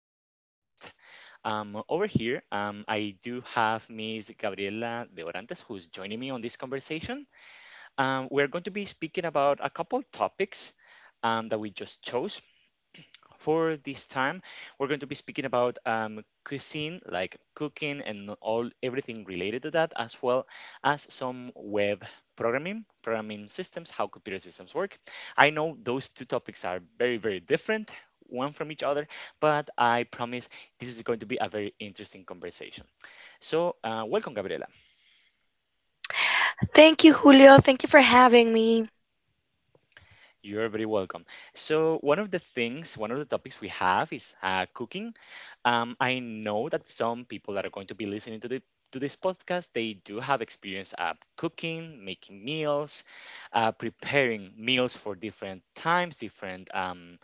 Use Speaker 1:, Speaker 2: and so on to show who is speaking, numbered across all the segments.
Speaker 1: be your host. Over here, I do have Miss Gabriela de Orantes, who's joining me on this conversation. We're going to be speaking about a couple topics that we just chose. For this time, we're going to be speaking about cuisine, like cooking and all everything related to that, as well as some web programming, programming systems, how computer systems work. I know those two topics are very, very different, one from each other, but I promise this is going to be a very interesting conversation. So, welcome, Gabriela.
Speaker 2: Thank you, Julio. Thank you for having me.
Speaker 1: You're very welcome. So, one of the things, one of the topics we have is cooking. I know that some people that are going to be listening to the to this podcast, they do have experience at cooking, making meals, preparing meals for different times, different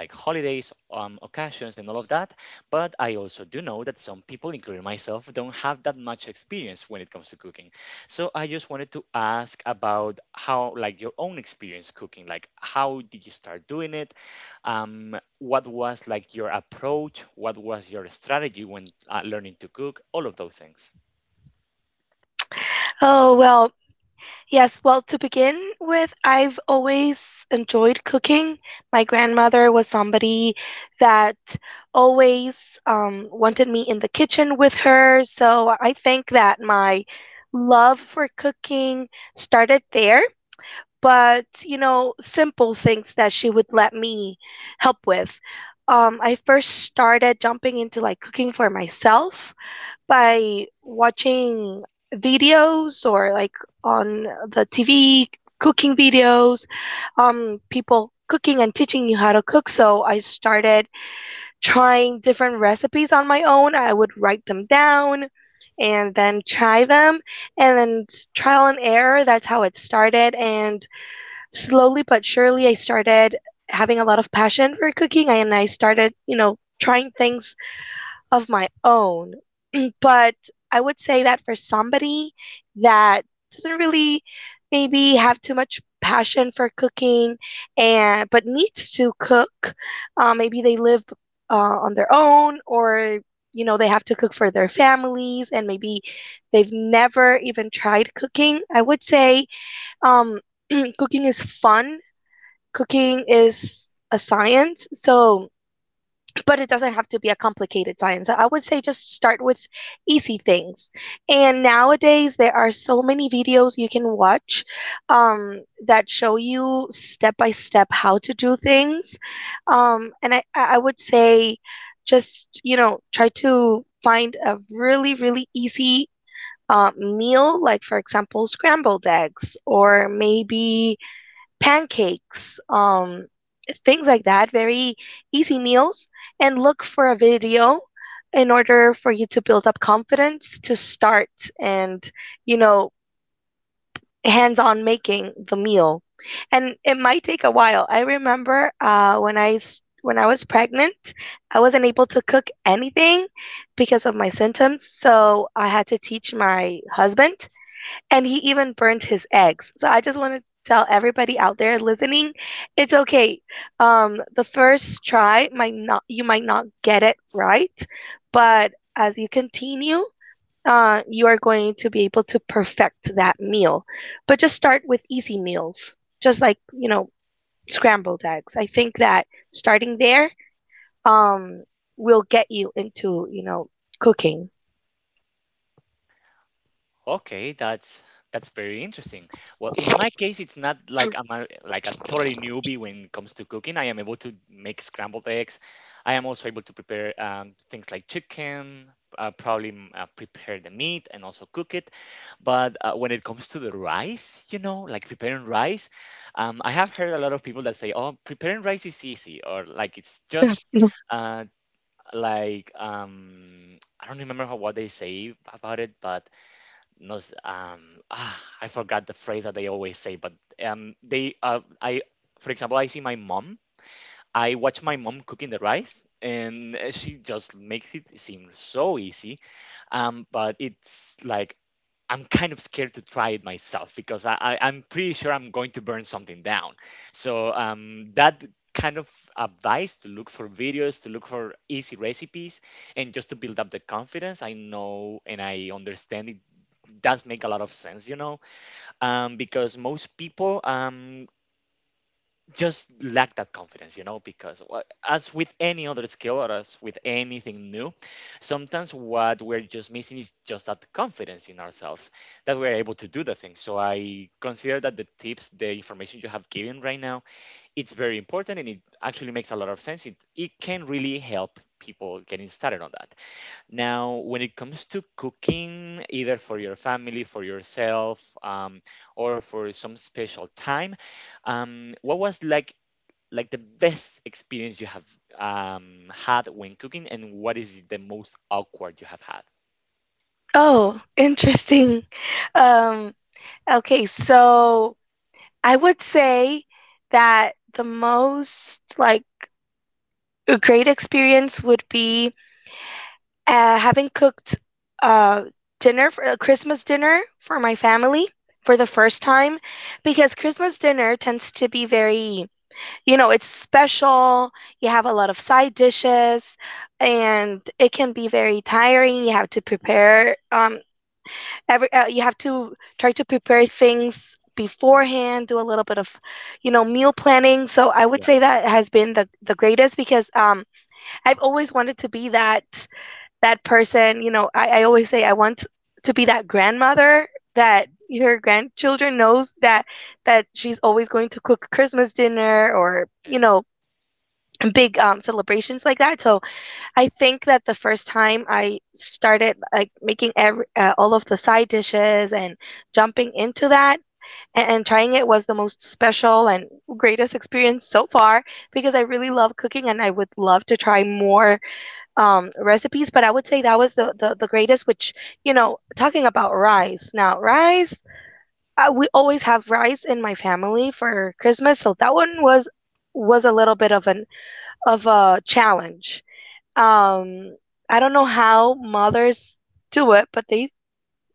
Speaker 1: like holidays, occasions, and all of that. But I also do know that some people, including myself, don't have that much experience when it comes to cooking. So I just wanted to ask about how, like, your own experience cooking. Like, how did you start doing it? What was like your approach? What was your strategy when learning to cook all of those things?
Speaker 2: Oh, well, yes. Well, to begin with, I've always enjoyed cooking. My grandmother was somebody that always wanted me in the kitchen with her. So I think that my love for cooking started there. But, simple things that she would let me help with. I first started jumping into like cooking for myself by watching videos or like on the TV cooking videos, people cooking and teaching you how to cook. So I started trying different recipes on my own. I would write them down and then try them, and then trial and error. That's how it started. And slowly but surely, I started having a lot of passion for cooking, and I started, trying things of my own. But I would say that for somebody that doesn't really maybe have too much passion for cooking and but needs to cook, maybe they live on their own, or they have to cook for their families, and maybe they've never even tried cooking. I would say um, cooking is fun. Cooking is a science. So but it doesn't have to be a complicated science. I would say just start with easy things. And nowadays, there are so many videos you can watch that show you step by step how to do things. And I would say just, try to find a really, really easy meal, like for example, scrambled eggs, or maybe pancakes, things like that, very easy meals, and look for a video in order for you to build up confidence to start and, you know, hands on making the meal. And it might take a while. I remember when I was pregnant, I wasn't able to cook anything because of my symptoms. So I had to teach my husband, and he even burned his eggs. So I just want to tell everybody out there listening, it's okay. The first try might not you might not get it right, but as you continue, you are going to be able to perfect that meal. But just start with easy meals, just like scrambled eggs. I think that starting there um, will get you into cooking.
Speaker 1: Okay, that's very interesting. Well, in my case, it's not like I'm a, like a totally newbie when it comes to cooking. I am able to make scrambled eggs. I am also able to prepare things like chicken, probably prepare the meat and also cook it. But when it comes to the rice, you know, like preparing rice, I have heard a lot of people that say, "Oh, preparing rice is easy," or like it's just uh, like I don't remember how what they say about it, but no s- ah, I forgot the phrase that they always say, but they I for example I see my mom. I watch my mom cooking the rice and she just makes it seem so easy. But it's like I'm kind of scared to try it myself because I'm pretty sure I'm going to burn something down. So that kind of advice to look for videos to look for easy recipes and just to build up the confidence, I know and I understand it that make a lot of sense, you know, because most people just lack that confidence, you know, because as with any other skill or as with anything new, sometimes what we're just missing is just that confidence in ourselves that we're able to do the thing. So I consider that the tips, the information you have given right now, it's very important and it actually makes a lot of sense. It can really help people getting started on that. Now, when it comes to cooking, either for your family, for yourself, or for some special time, what was like the best experience you have had when cooking, and what is the most awkward you have had?
Speaker 2: Oh, interesting. Um, Okay, so I would say that the most like a great experience would be having cooked uh, dinner for a Christmas dinner for my family for the first time, because Christmas dinner tends to be very, it's special. You have a lot of side dishes and it can be very tiring. You have to try to prepare things
Speaker 1: Mhm.
Speaker 2: beforehand, do a little bit of meal planning. So I would
Speaker 1: Yeah.
Speaker 2: say that has been the greatest, because I've always wanted to be that person, you know, I always say I want to be that grandmother that
Speaker 1: Mhm.
Speaker 2: your grandchildren knows that she's always going to cook Christmas dinner, or
Speaker 1: Eh,
Speaker 2: big celebrations like that. So I think that the first time I started like making every all of the side dishes and jumping into that and trying it, was the most special and greatest experience so far, because I really love cooking and I would love to try more recipes. But I would say that was the greatest. Which, you know, talking about rice now, rice we always have rice in my family for Christmas, so that one was a little bit of an of a challenge. um I don't know how mothers do it, but they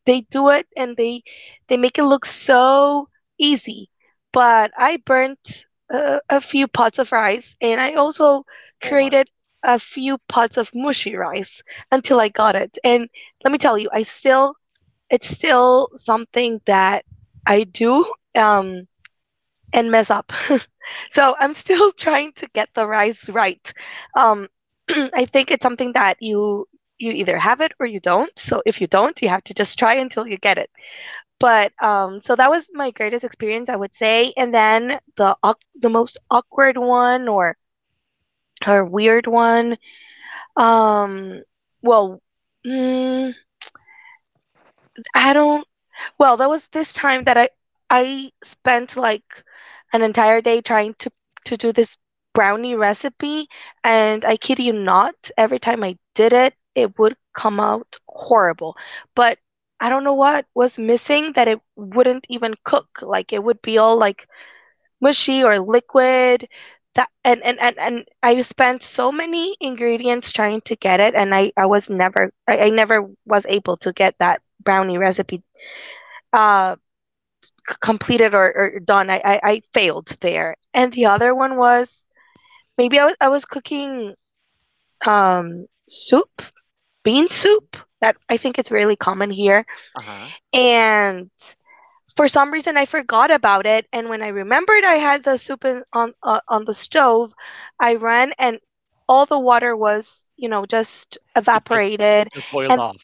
Speaker 2: they do it and they make it look so easy. But I burnt a few pots of rice, and I also
Speaker 1: oh my.
Speaker 2: created a few pots of mushy rice until I got it. And let me
Speaker 1: Mhm.
Speaker 2: tell you, I still it's still something that I do um and mess up. So I'm still trying to get the rise right. Um, I think it's something that you either have it or you don't. So if you don't, you have to just try until you get it. But so that was my greatest experience, I would say. And then the most awkward one or weird one. Um, well, mm, I don't Well, there was this time that I spent like an entire day trying to do this brownie recipe, and I kid you not, every time I did it, it would come out horrible. But I don't know what was missing that it wouldn't even cook. Like it would be all like mushy or liquid. That, and I spent so many ingredients trying to get it, and I never was able to get that brownie recipe uh completed or done. I failed there. And the other one was, maybe I was cooking um soup, bean soup that I think it's really common here.
Speaker 1: Uh-huh.
Speaker 2: And for some reason I forgot about it. And when I remembered I had the soup in, on the stove, I ran and all the water was just
Speaker 1: It just it
Speaker 2: evaporated
Speaker 1: just boiled
Speaker 2: and
Speaker 1: off.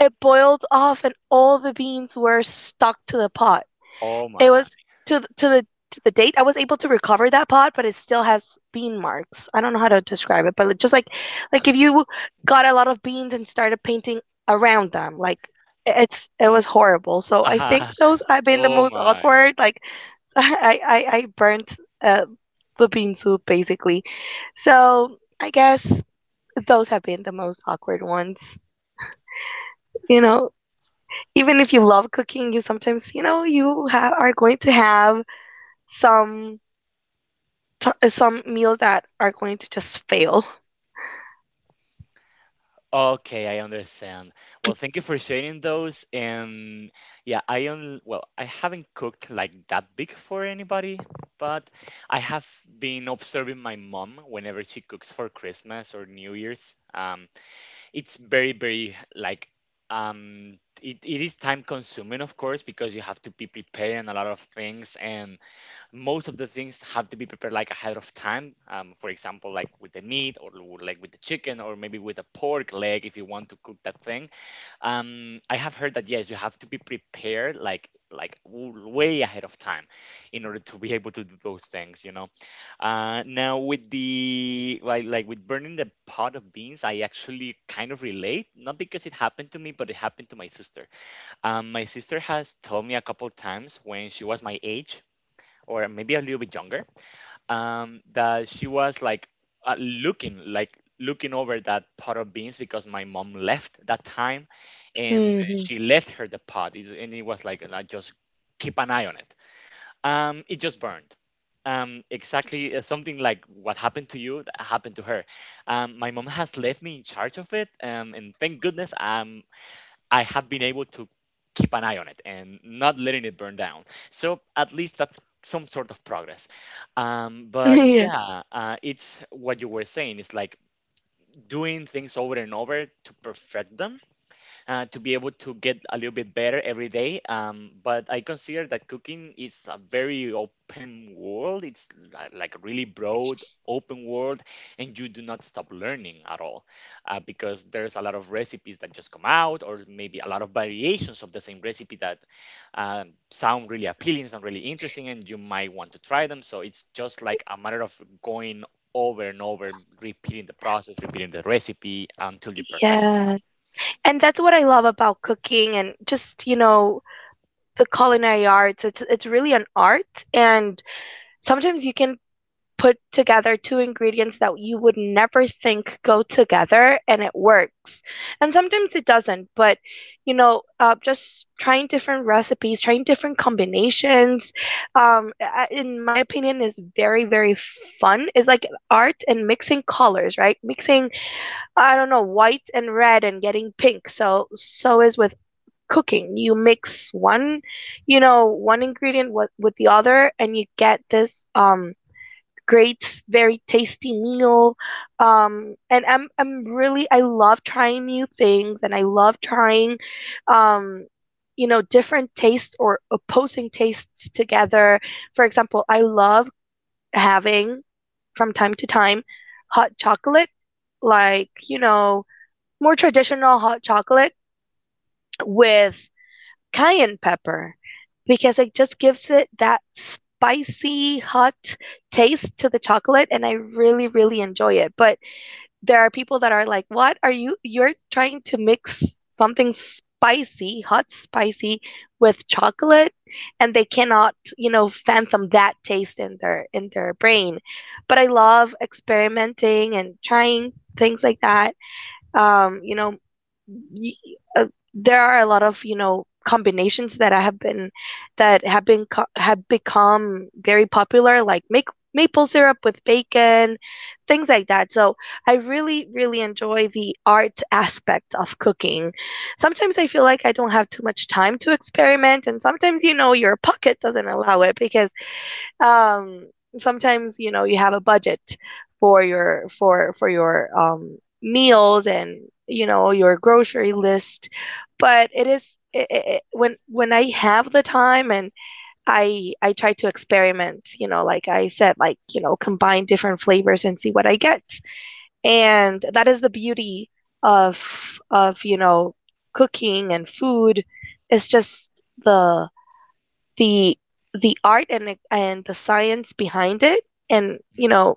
Speaker 2: it boiled off, and all the beans were stuck to the pot.
Speaker 1: Oh
Speaker 2: It
Speaker 1: my.
Speaker 2: was to th- to the to the date I was able to recover that pot, but it still has bean marks. I don't know how to describe it, but it just like if you got a lot of beans and started painting around them, like it was horrible. So I think
Speaker 1: Uh-huh.
Speaker 2: those have been the
Speaker 1: Oh
Speaker 2: most
Speaker 1: my.
Speaker 2: awkward. Like I burnt uh, the bean soup basically. So I guess those have been the most awkward ones. You know, even if you love cooking, you sometimes are going to have some some meals that are going to just fail.
Speaker 1: Okay, I understand. Well, thank you for sharing those. And yeah, I only, well, I haven't cooked like that big for anybody, but I have been observing my mom whenever she cooks for Christmas or New Year's. It's very, very like um it is time consuming of course because you have to be preparing a lot of things and most of the things have to be prepared like ahead of time. For example, like with the meat or like with the chicken or maybe with a pork leg if you want to cook that thing. I have heard that yes, you have to be prepared like way ahead of time in order to be able to do those things, you know. Now with the like with burning the pot of beans, I actually kind of relate, not because it happened to me but it happened to my sister. My sister has told me a couple times when she was my age or maybe a little bit younger, that she was like looking like looking over that pot of beans because my mom left that time and
Speaker 2: Hmm.
Speaker 1: she left her the pot. And it was like, and I just keep an eye on it, it just burned, exactly, something like what happened to you, that happened to her. My mom has left me in charge of it, and thank goodness I have been able to keep an eye on it and not letting it burn down. So at least that's some sort of progress. But
Speaker 2: Yeah.
Speaker 1: yeah, it's what you were saying. It's like doing things over and over to perfect them, to be able to get a little bit better every day. But I consider that cooking is a very open world. It's like a really broad open world, and you do not stop learning at all, because there's a lot of recipes that just come out, or maybe a lot of variations of the same recipe that sound really appealing, sound really interesting, and you might want to try them. So it's just like a matter of going over and over, repeating the process, repeating the recipe until you perfect.
Speaker 2: Yeah. And that's what I love about cooking and just, the culinary arts. It's really an art, and sometimes you can put together two ingredients that you would never think go together and it works. And sometimes it doesn't, but just trying different recipes, trying different combinations, in my opinion, is very, very fun. It's like art and mixing colors, right? Mixing, I don't know, white and red and getting pink. So is with cooking. You mix one, one ingredient with the other, and you get this, great, very tasty meal. And I love trying new things, and I love trying, um, different tastes or opposing tastes together. For example, I love having from time to time hot chocolate, like more traditional hot chocolate with cayenne pepper, because it just gives it that spicy hot taste to the chocolate, and I really really enjoy it. But there are people that are like, "What are you You're trying to mix something spicy, hot spicy with chocolate?" And they cannot, fathom that taste in their brain. But I love experimenting and trying things like that. um you know y- uh, there are a lot of combinations that I have been that have been co- have become very popular, like make maple syrup with bacon, things like that. So I really really enjoy the art aspect of cooking. Sometimes I feel like I don't have too much time to experiment, and sometimes your pocket doesn't allow it, because um sometimes you have a budget for your meals and your grocery list. But it is it, it, it- when I have the time and I try to experiment, you know like I said, like, you know, combine different flavors and see what I get. And that is the beauty of cooking and food. It's just the the the art and the science behind it, and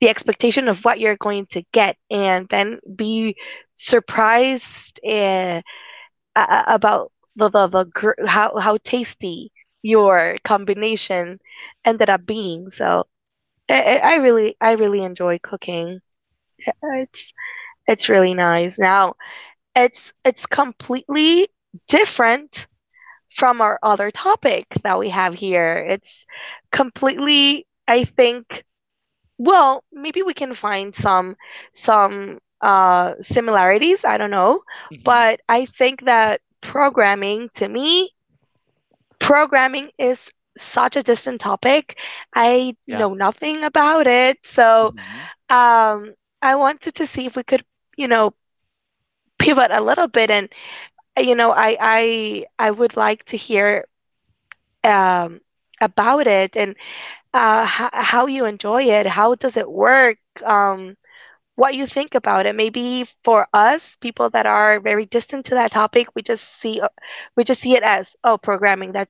Speaker 2: the expectation of what you're going to get and then be surprised a- about how tasty your combination ended up being. So I really enjoy cooking. Uh, it's it's really nice. Now it's completely different from our other topic that we have here. It's completely, I think, well, maybe we can find some similarities. I don't know,
Speaker 1: Mm-hmm.
Speaker 2: but I think that programming, to me, programming is such a distant topic. I know nothing about it, so
Speaker 1: Mhm.
Speaker 2: um, I wanted to see if we could, you know, pivot a little bit and you know, I would like to hear um, about it and how you enjoy it. How does it work? Um, what you think about it? Maybe for us, people that are very distant to that topic, we just see we just see it as, oh, programming, that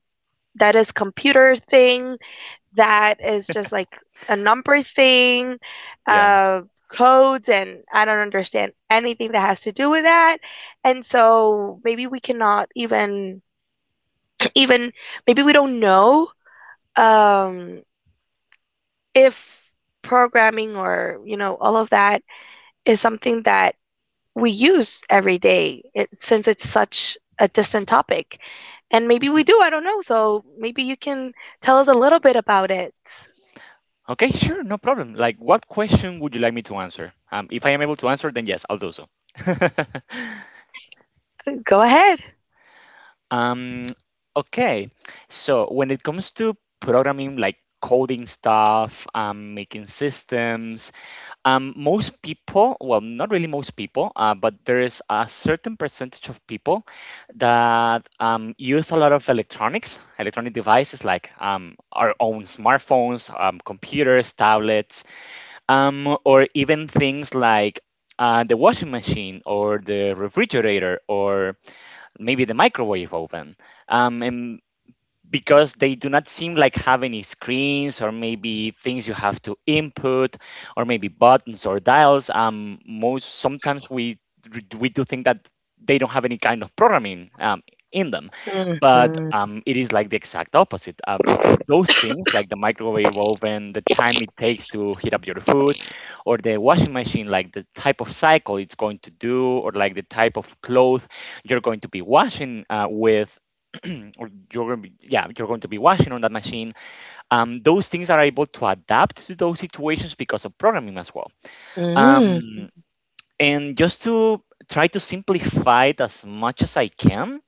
Speaker 2: that is computer thing. That is just like a number thing,
Speaker 1: Yeah.
Speaker 2: uh, codes, and I don't understand anything that has to do with that. And so maybe we cannot even even maybe we don't know um if programming or, you know, all of that is something that we use every day, it, since it's such a distant topic. And maybe we
Speaker 1: Mhm.
Speaker 2: do, I don't know. So maybe you can tell us a little bit about it.
Speaker 1: Okay, sure, no problem. Like, what question would you like me to answer? If I am able to answer, then yes, I'll do so.
Speaker 2: Go ahead.
Speaker 1: Um, okay, so when it comes to programming, like coding stuff, making systems, most people, well, not really most people, but there is a certain percentage of people that use a lot of electronics, electronic devices like our own smartphones, computers, tablets, or even things like the washing machine or the refrigerator or maybe the microwave oven. And because they do not seem like have any screens or maybe things you have to input or maybe buttons or dials. Most sometimes we do think that they don't have any kind of programming in them, but
Speaker 2: Mm-hmm.
Speaker 1: it is like the exact opposite. Those things like the microwave oven, the time it takes to heat up your food, or the washing machine, like the type of cycle it's going to do, or like the type of cloth you're going to be washing with, or you're going to be, yeah, you're going to be washing on that machine. Those things are able to adapt to those situations because of programming as well. Um, and just to try to simplify it as much as I can,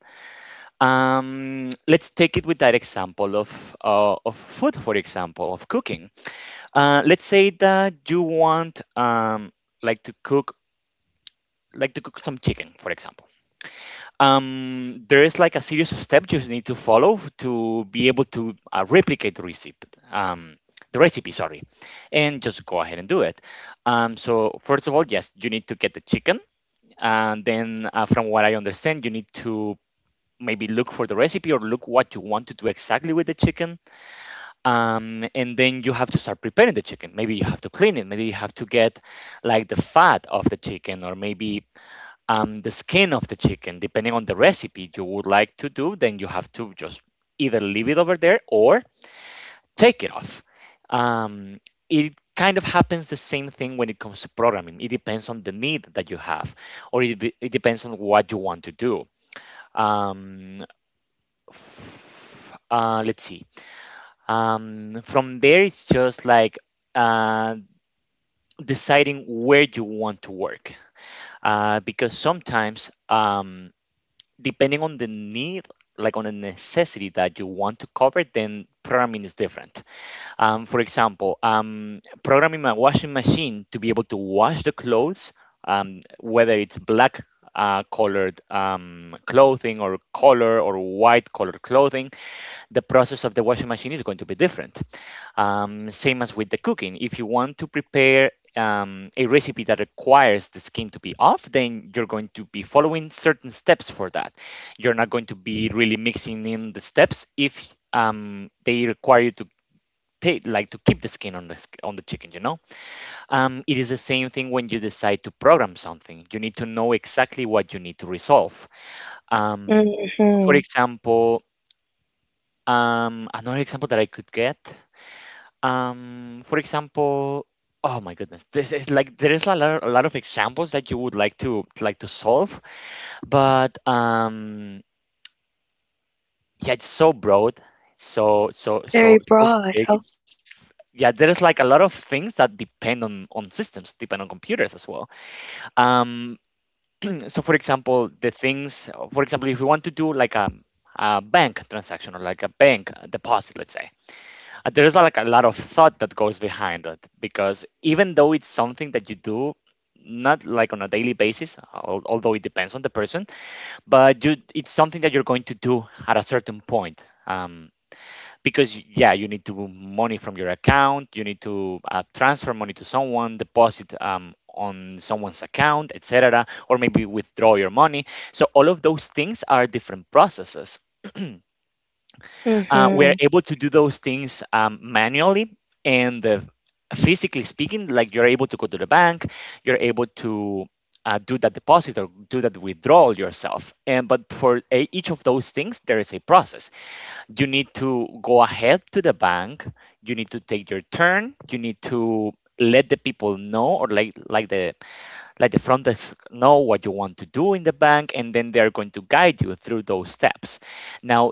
Speaker 1: let's take it with that example of of food, for example, of cooking. Let's say that you want like to cook to cook some chicken, for example, there is like a series of steps you need to follow to be able to replicate the recipe. Um, the recipe, sorry, and just go ahead and do it. So first of all, yes, you need to get the chicken, and then from what I understand, you need to maybe look for the recipe or look what you want to do exactly with the chicken, and then you have to start preparing the chicken. Maybe you have to clean it, maybe you have to get like the fat of the chicken or maybe the skin of the chicken. Depending on the recipe you would like to do, then you have to just either leave it over there or take it off. Um, it kind of happens the same thing when it comes to programming. It depends on the need that you have, or it depends on what you want to do. Um, let's see. From there, it's just like uh, deciding where you want to work, because sometimes. Depending on the need, like on the necessity that you want to cover, then programming is different. For example, programming a washing machine to be able to wash the clothes, whether it's black colored clothing or color or white colored clothing, the process of the washing machine is going to be different. Same as with the cooking. If you want to prepare a recipe that requires the skin to be off, then you're going to be following certain steps for that. You're not going to be really mixing in the steps if they require you to like to keep the skin on the chicken. It is the same thing when you decide to program something. You need to know exactly what you need to resolve. Um, for
Speaker 2: Hmm,
Speaker 1: example, another example that I could get. For example, oh my goodness, this is like there is a lot of examples that you would like to solve, but yeah, it's so broad, so so
Speaker 2: very
Speaker 1: so so
Speaker 2: broad.
Speaker 1: big.
Speaker 2: Oh,
Speaker 1: It's, yeah, there is like a lot of things that depend on systems, depend on computers as well. Um, so, for example, the things, for example, if we want to do like a bank transaction or like a bank deposit, let's say, there's like a lot of thought that goes behind it, because even though it's something that you do not like on a daily basis, although it depends on the person, but you it's something that you're going to do at a certain point, um, because yeah, you need to move money from your account. You need to transfer money to someone, deposit on someone's account, etc., or maybe withdraw your money. So all of those things are different processes. We're
Speaker 2: hmm.
Speaker 1: able to do those things manually, and physically speaking, like, you're able to go to the bank, you're able to do that deposit or do that withdrawal yourself. And but for each of those things there is a process. You need to go ahead to the bank, you need to take your turn, you need to let the people know, or like the let the front desk know what you want to do in the bank, and then they're going to guide you through those steps. Now,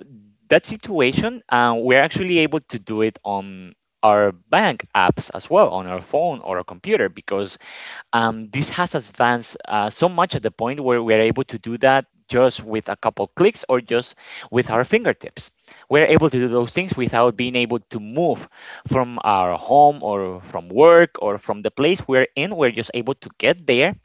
Speaker 1: that situation, we're actually able to do it on our bank apps as well, on our phone or a computer, because this has advanced so much at the point where we're able to do that just with a couple clicks or just with our fingertips. We're able to do those things without being able to move from our home or from work or from the place we're in. We're just able to get there,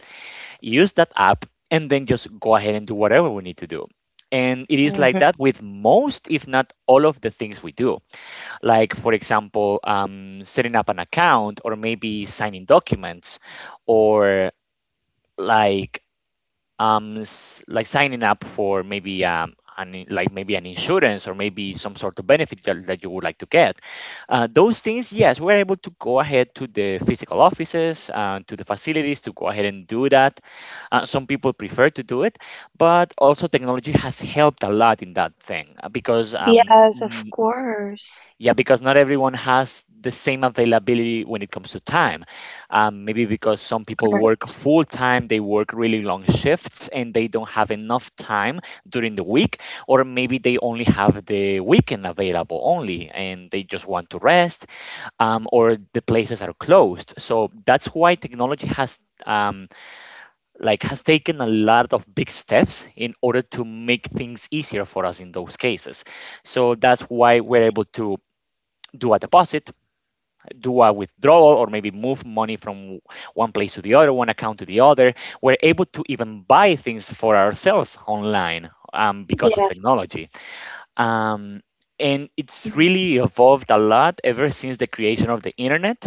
Speaker 1: use that app, and then just go ahead and do whatever we need to do. And it is like
Speaker 2: Mm-hmm.
Speaker 1: that with most, if not all, of the things we do. Like, for example, setting up an account, or maybe signing documents, or like um, like signing up for maybe an, like maybe an insurance, or maybe some sort of benefit that you would like to get. Those things, yes, we're able to go ahead to the physical offices, to the facilities, to go ahead and do that. Some people prefer to do it, but also technology has helped a lot in that thing,
Speaker 2: Yes, of course.
Speaker 1: yeah, because not everyone has the same availability when it comes to time. Maybe because some people work
Speaker 2: Correct.
Speaker 1: full time, they work really long shifts, and they don't have enough time during the week, or maybe they only have the weekend available only, and they just want to rest, or the places are closed. So that's why technology Um, has taken a lot of big steps in order to make things easier for us in those cases. So that's why we're able to do a deposit, do a withdrawal, or maybe move money from one place to the other, one account to the other. We're able to even buy things for ourselves online, because of
Speaker 2: Yeah.
Speaker 1: technology. Um, and it's really evolved a lot ever since the creation of the internet.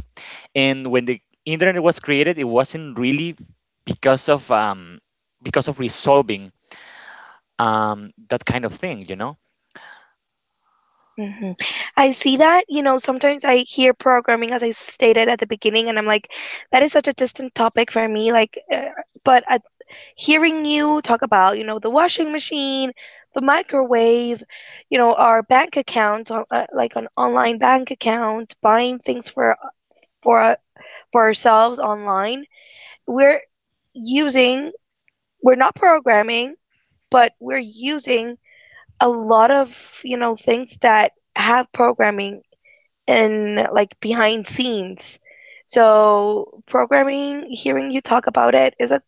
Speaker 1: And when the internet was created, it wasn't really because of um because of resolving that kind of thing.
Speaker 2: Hmm. I see that. You know, sometimes I hear programming, as I stated at the beginning, and I'm like, that is such a distant topic for me. Like, but hearing you talk about, you know, the washing machine, the microwave, you know, our bank account, like an online bank account, buying things for uh, for ourselves online, we're using, we're not programming, but we're using a lot of, you know, things that have programming and like behind scenes. So programming, hearing you talk about it is a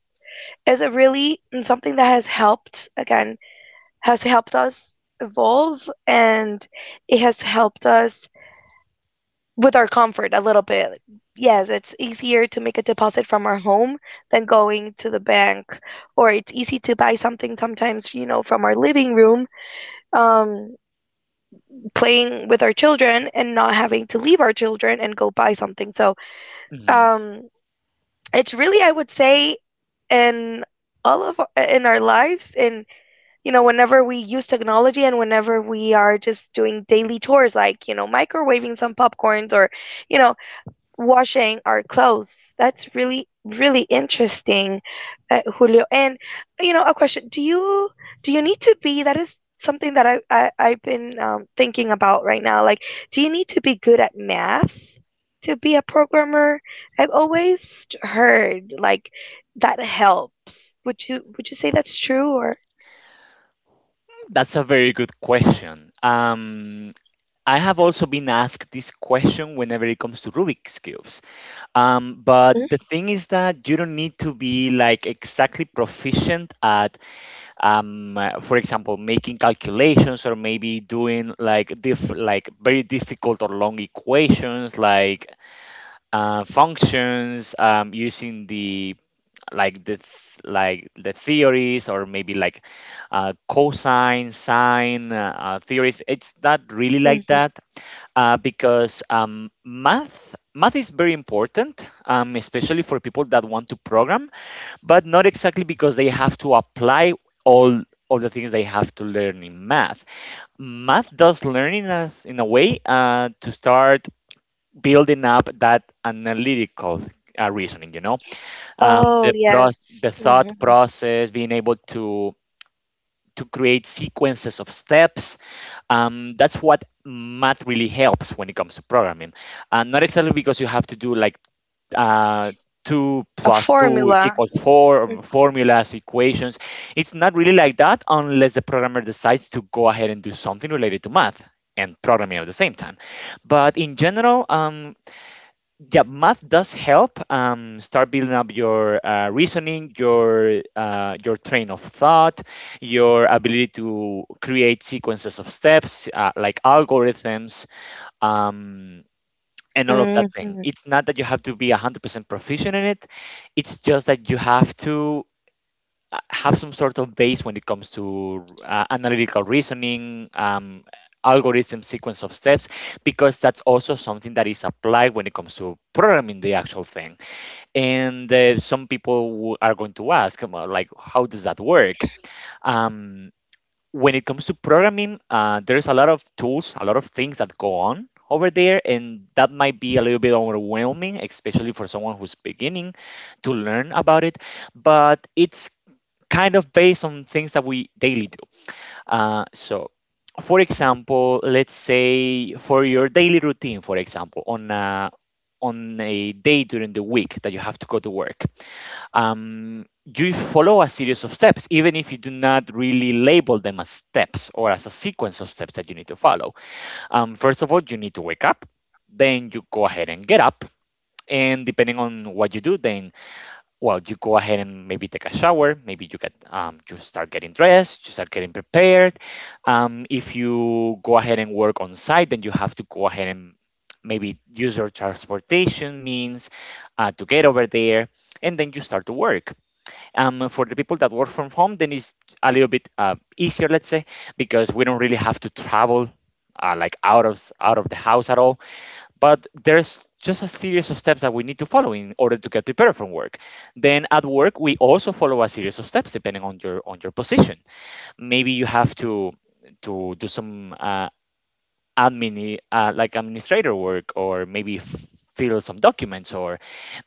Speaker 2: is a really something that has helped, again, has helped us evolve, and it has helped us with our comfort a little bit. Yes, it's easier to make a deposit from our home than going to the bank, or it's easy to buy something sometimes, you know, from our living room, um playing with our children and not having to leave our children and go buy something. So
Speaker 1: Mhm.
Speaker 2: um it's really, I would say, in all of in our lives, and, you know, whenever we use technology and whenever we are just doing daily chores, like, you know, microwaving some popcorns or, you know, washing our clothes. That's really really interesting, Julio. And, you know, a question. Do you need to be? That is something that I've been thinking about right now. Like, do you need to be good at math to be a programmer? I've always heard like that helps. Would you say that's true, or?
Speaker 1: That's a very good question. I have also been asked this question whenever it comes to Rubik's cubes, but the thing is that you don't need to be like exactly proficient at, for example, making calculations, or maybe doing like very difficult or long equations, like functions, using the like the th- like the theories, or maybe like, cosine, sine, theories. It's not really like
Speaker 2: Mm-hmm.
Speaker 1: that, because math is very important, especially for people that want to program, but not exactly because they have to apply all all the things they have to learn in Math does learn in a way, to start building up that analytical, reasoning, um,
Speaker 2: Oh,
Speaker 1: the pro-
Speaker 2: yes,
Speaker 1: the thought
Speaker 2: hmm,
Speaker 1: process, being able to create sequences of steps, that's what math really helps when it comes to programming, not exactly because you have to do like, uh, two
Speaker 2: a
Speaker 1: plus two
Speaker 2: formula.
Speaker 1: equals four, or formulas, equations. It's not really like that, unless the programmer decides to go ahead and do something related to math and programming at the same time. But in general, yeah, math does help start building up your, reasoning, your train of thought, your ability to create sequences of steps, like algorithms, um, and all of that thing.
Speaker 2: Hmm.
Speaker 1: It's not that you have to be 100% proficient in it; it's just that you have to have some sort of base when it comes to analytical reasoning, algorithm, sequence of steps, because that's also something that is applied when it comes to programming the actual thing. And some people are going to ask, like, how does that work? Um, when it comes to programming, there's a lot of tools, a lot of things that go on over there, and that might be a little bit overwhelming, especially for someone who's beginning to learn about it, but it's kind of based on things that we daily do. So, for example, let's say for your daily routine, for example, on a day during the week that you have to go to work, you follow a series of steps, even if you do not really label them as steps or as a sequence of steps that you need to follow. First of all, you need to wake up, then you go ahead and get up. And depending on what you do, then, well, you go ahead and maybe take a shower. Maybe you start getting dressed, you start getting prepared. If you go ahead and work on site, then you have to go ahead and maybe use your transportation means, to get over there, and then you start to work. For the people that work from home, then it's a little bit, easier, let's say, because we don't really have to travel, like, out of the house at all, but there's just a series of steps that we need to follow in order to get prepared for work. Then at work, we also follow a series of steps depending on your position. Maybe you have to do some administrator work, or maybe fill some documents, or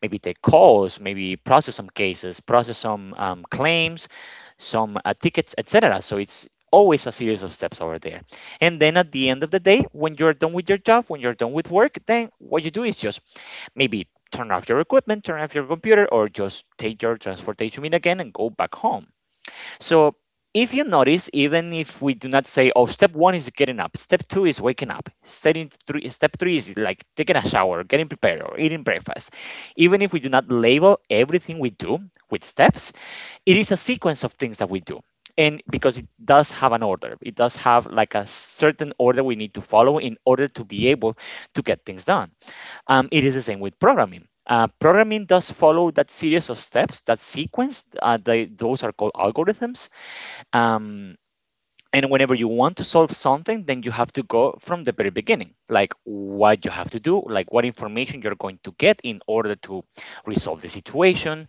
Speaker 1: maybe take calls, maybe process some cases, process some claims, some tickets, etc. So it's always a series of steps over there, and then at the end of the day, when you're done with your job, when you're done with work, then what you do is just maybe turn off your equipment, turn off your computer, or just take your transportation in again and go back home. So if you notice, even if we do not say, oh, step one is getting up, step two is waking up, step three is like taking a shower, getting prepared, or eating breakfast. Even if we do not label everything we do with steps, it is a sequence of things that we do. And because it does have an order, it does have like a certain order we need to follow in order to be able to get things done. It is the same with programming. Programming does follow that series of steps, that sequence. Those are called algorithms, um, and whenever you want to solve something, then you have to go from the very beginning, like what you have to do, like what information you're going to get in order to resolve the situation,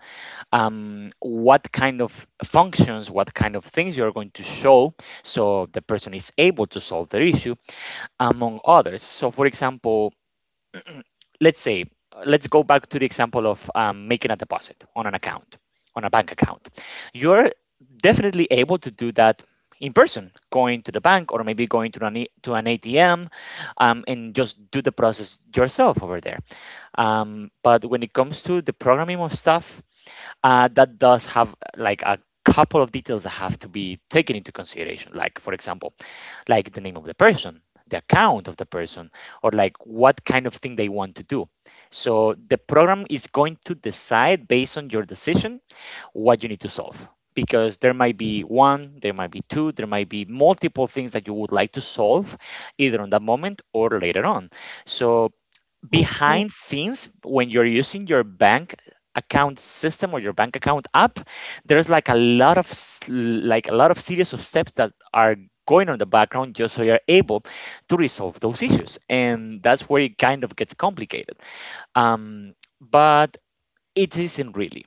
Speaker 1: what kind of functions, what kind of things you're going to show so the person is able to solve their issue, among others. So, for example, let's say let's go back to the example of making a deposit on an account, on a bank account. You're definitely able to do that in person, going to the bank, or maybe going to an atm, and just do the process yourself over there. But when it comes to the programming of stuff, that does have like a couple of details that have to be taken into consideration, like, for example, like the name of the person, the account of the person, or like what kind of thing they want to do, so the program is going to decide based on your decision what you need to solve, because there might be one, there might be two, there might be multiple things that you would like to solve either on that moment or later on. So behind scenes, when you're using your bank account system or your bank account app, there's like a lot of, like a lot of series of steps that are going on in the background just so you're able to resolve those issues. And that's where it kind of gets complicated, um, but it isn't really.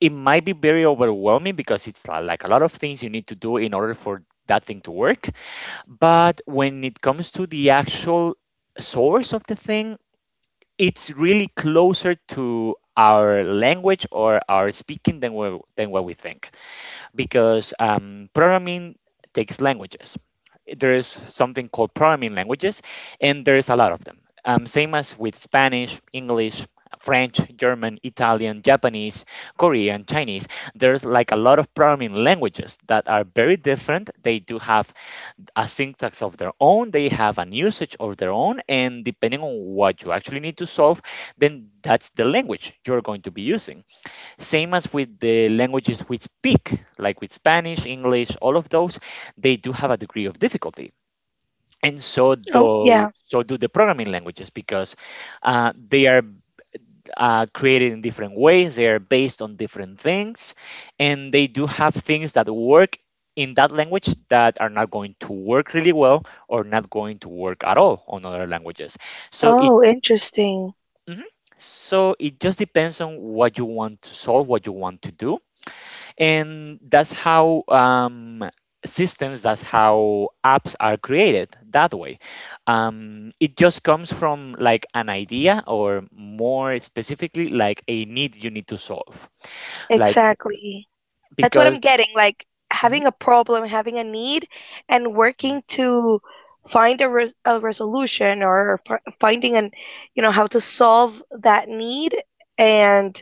Speaker 1: It might be very overwhelming because it's like a lot of things you need to do in order for that thing to work. But when it comes to the actual source of the thing, it's really closer to our language or our speaking than we, than what we think, because programming takes languages. There is something called programming languages, and there's a lot of them. Same as with Spanish, English, French, German, Italian, Japanese, Korean, Chinese. There's like a lot of programming languages that are very different. They do have a syntax of their own, they have an usage of their own, and depending on what you actually need to solve, then that's the language you're going to be using. Same as with the languages we speak, like with Spanish, English, all of those, they do have a degree of difficulty. And so
Speaker 2: Oh,
Speaker 1: do,
Speaker 2: yeah.
Speaker 1: so do the programming languages, because they are created in different ways. They are based on different things, and they do have things that work in that language that are not going to work really well or not going to work at all on other languages. So it
Speaker 2: Oh, interesting.
Speaker 1: mhm. So it just depends on what you want to solve, what you want to do, and that's how systems, that's how apps are created that way. It just comes from like an idea, or more specifically, like a need you need to solve, like,
Speaker 2: Exactly. That's what I'm
Speaker 1: because
Speaker 2: getting, like
Speaker 1: Mhm,
Speaker 2: having a problem, having a need, and
Speaker 1: mhm,
Speaker 2: working to find a, a resolution, or finding an, you know, how to solve that need, and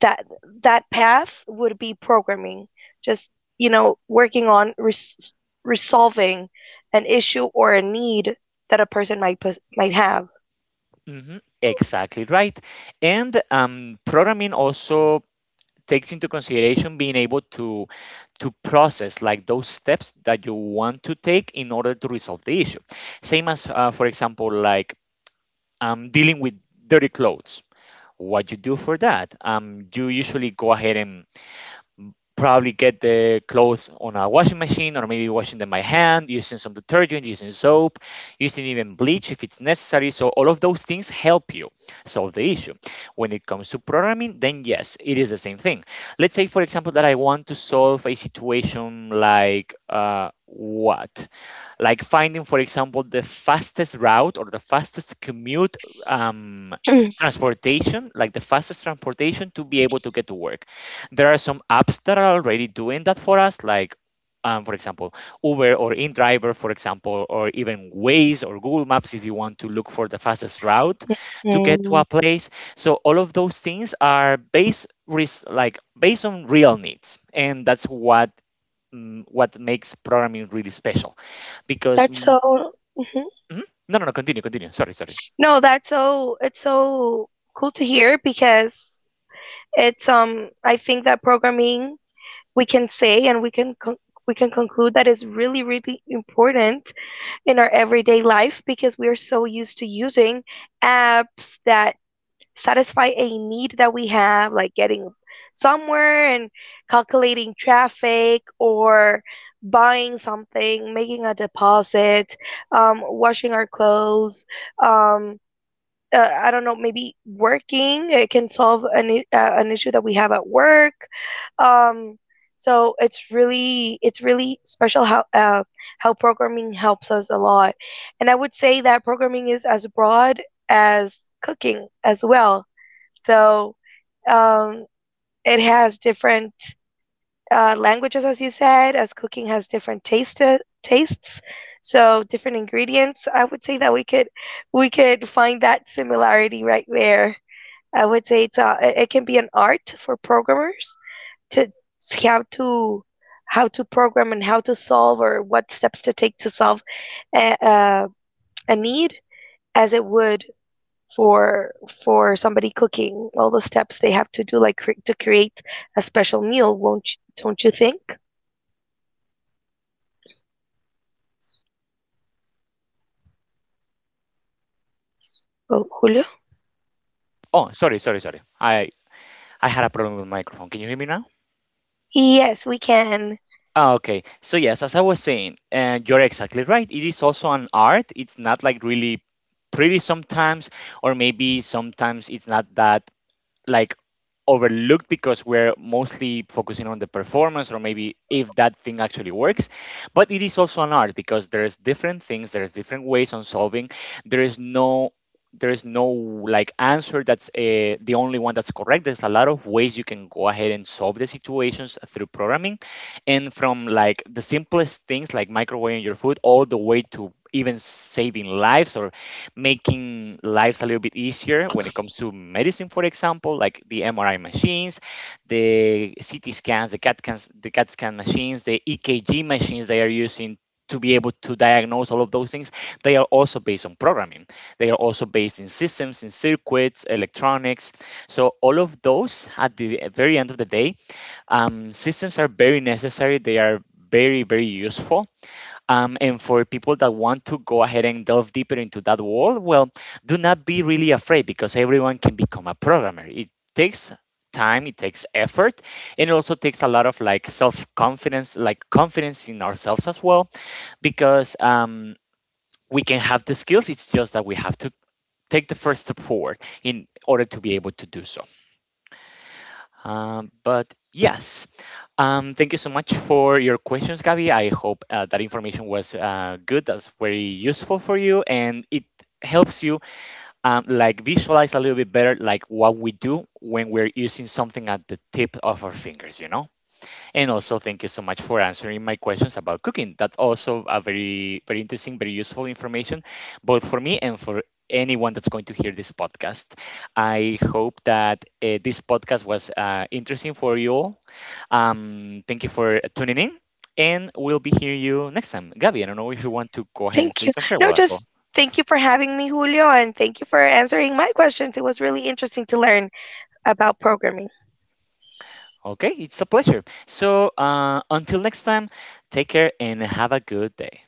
Speaker 2: that that path would be programming. Just, you know, working on resolving an issue or a need that a person might have.
Speaker 1: mhm, exactly right. And programming also takes into consideration being able to process like those steps that you want to take in order to resolve the issue, same as, for example, like dealing with dirty clothes. What you do for that? You usually go ahead and probably get the clothes on a washing machine, or maybe washing them by hand, using some detergent, using soap, using even bleach if it's necessary. So all of those things help you solve the issue. When it comes to programming, then yes, it is the same thing. Let's say, for example, that I want to solve a situation like, what like finding, for example, the fastest route or the fastest commute, um, transportation, like the fastest transportation to be able to get to work. There are some apps that are already doing that for us, like for example, Uber or InDriver, for example, or even Waze or Google Maps if you want to look for the fastest route to get to
Speaker 2: Mm,
Speaker 1: a place. So all of those things are based like based on real needs, and that's what what makes programming really special, because.
Speaker 2: that's so mhm.
Speaker 1: Mhm. No, no, no. Continue, continue. Sorry, sorry.
Speaker 2: No, that's so, it's so cool to hear, because It's I think that programming, we can say, and we can we can conclude that is really really important in our everyday life, because we are so used to using apps that satisfy a need that we have, like getting somewhere and calculating traffic, or buying something, making a deposit, washing our clothes, um, I don't know, maybe working. It can solve an issue that we have at work. Um, so it's really, it's really special how, how programming helps us a lot, and I would say that programming is as broad as cooking as well. So um, it has different languages, as you said, as cooking has different tastes. So different ingredients. I would say that we could find that similarity right there. I would say it's a, it can be an art for programmers to how to, how to program, and how to solve or what steps to take to solve a, a, a need, as it would for for somebody cooking, all the steps they have to do, like to create a special meal. Won't you, don't you think? Oh, Julio,
Speaker 1: Oh, sorry, sorry, sorry. I had a problem with the microphone. Can you hear me now?
Speaker 2: yes, we can.
Speaker 1: Ah, okay. So yes, as I was saying, and you're exactly right. It is also an art. It's not like really pretty sometimes, or maybe sometimes it's not that like overlooked, because we're mostly focusing on the performance or maybe if that thing actually works. But it is also an art, because there's different things, there's different ways on solving. There is no There is no like answer that's the only one that's correct. There's a lot of ways you can go ahead and solve the situations through programming, and from like the simplest things like microwaving your food all the way to even saving lives or making lives a little bit easier when it comes to medicine, for example, like the MRI machines, the CT scans, the CAT, scans, the CAT scan machines, the EKG machines they are using to be able to diagnose. All of those things, they are also based on programming. They are also based in systems, in circuits, electronics. So all of those, at the very end of the day, systems are very necessary. They are very, very useful. And for people that want to go ahead and delve deeper into that world, well, do not be really afraid, because everyone can become a programmer. It takes time, it takes effort, and it also takes a lot of like self confidence, like confidence in ourselves as well, because we can have the skills. It's just that we have to take the first step forward in order to be able to do so. But yes, thank you so much for your questions, Gabby. I hope that information was good. That's very useful for you, and it helps you like visualize a little bit better like what we do when we're using something at the tip of our fingers. You know. And also, thank you so much for answering my questions about cooking. That's also a very, very interesting, very useful information, both for me and for anyone that's going to hear this podcast. I hope that this podcast was interesting for you all. Thank you for tuning in, and we'll be hearing you next time. Gabby, I don't know if you want to go ahead and
Speaker 2: Thank
Speaker 1: say
Speaker 2: you.
Speaker 1: some
Speaker 2: No,
Speaker 1: farewell as well.
Speaker 2: just thank you for having me, Julio, and thank you for answering my questions. It was really interesting to learn about programming.
Speaker 1: Okay, it's a pleasure. So until next time, take care and have a good day.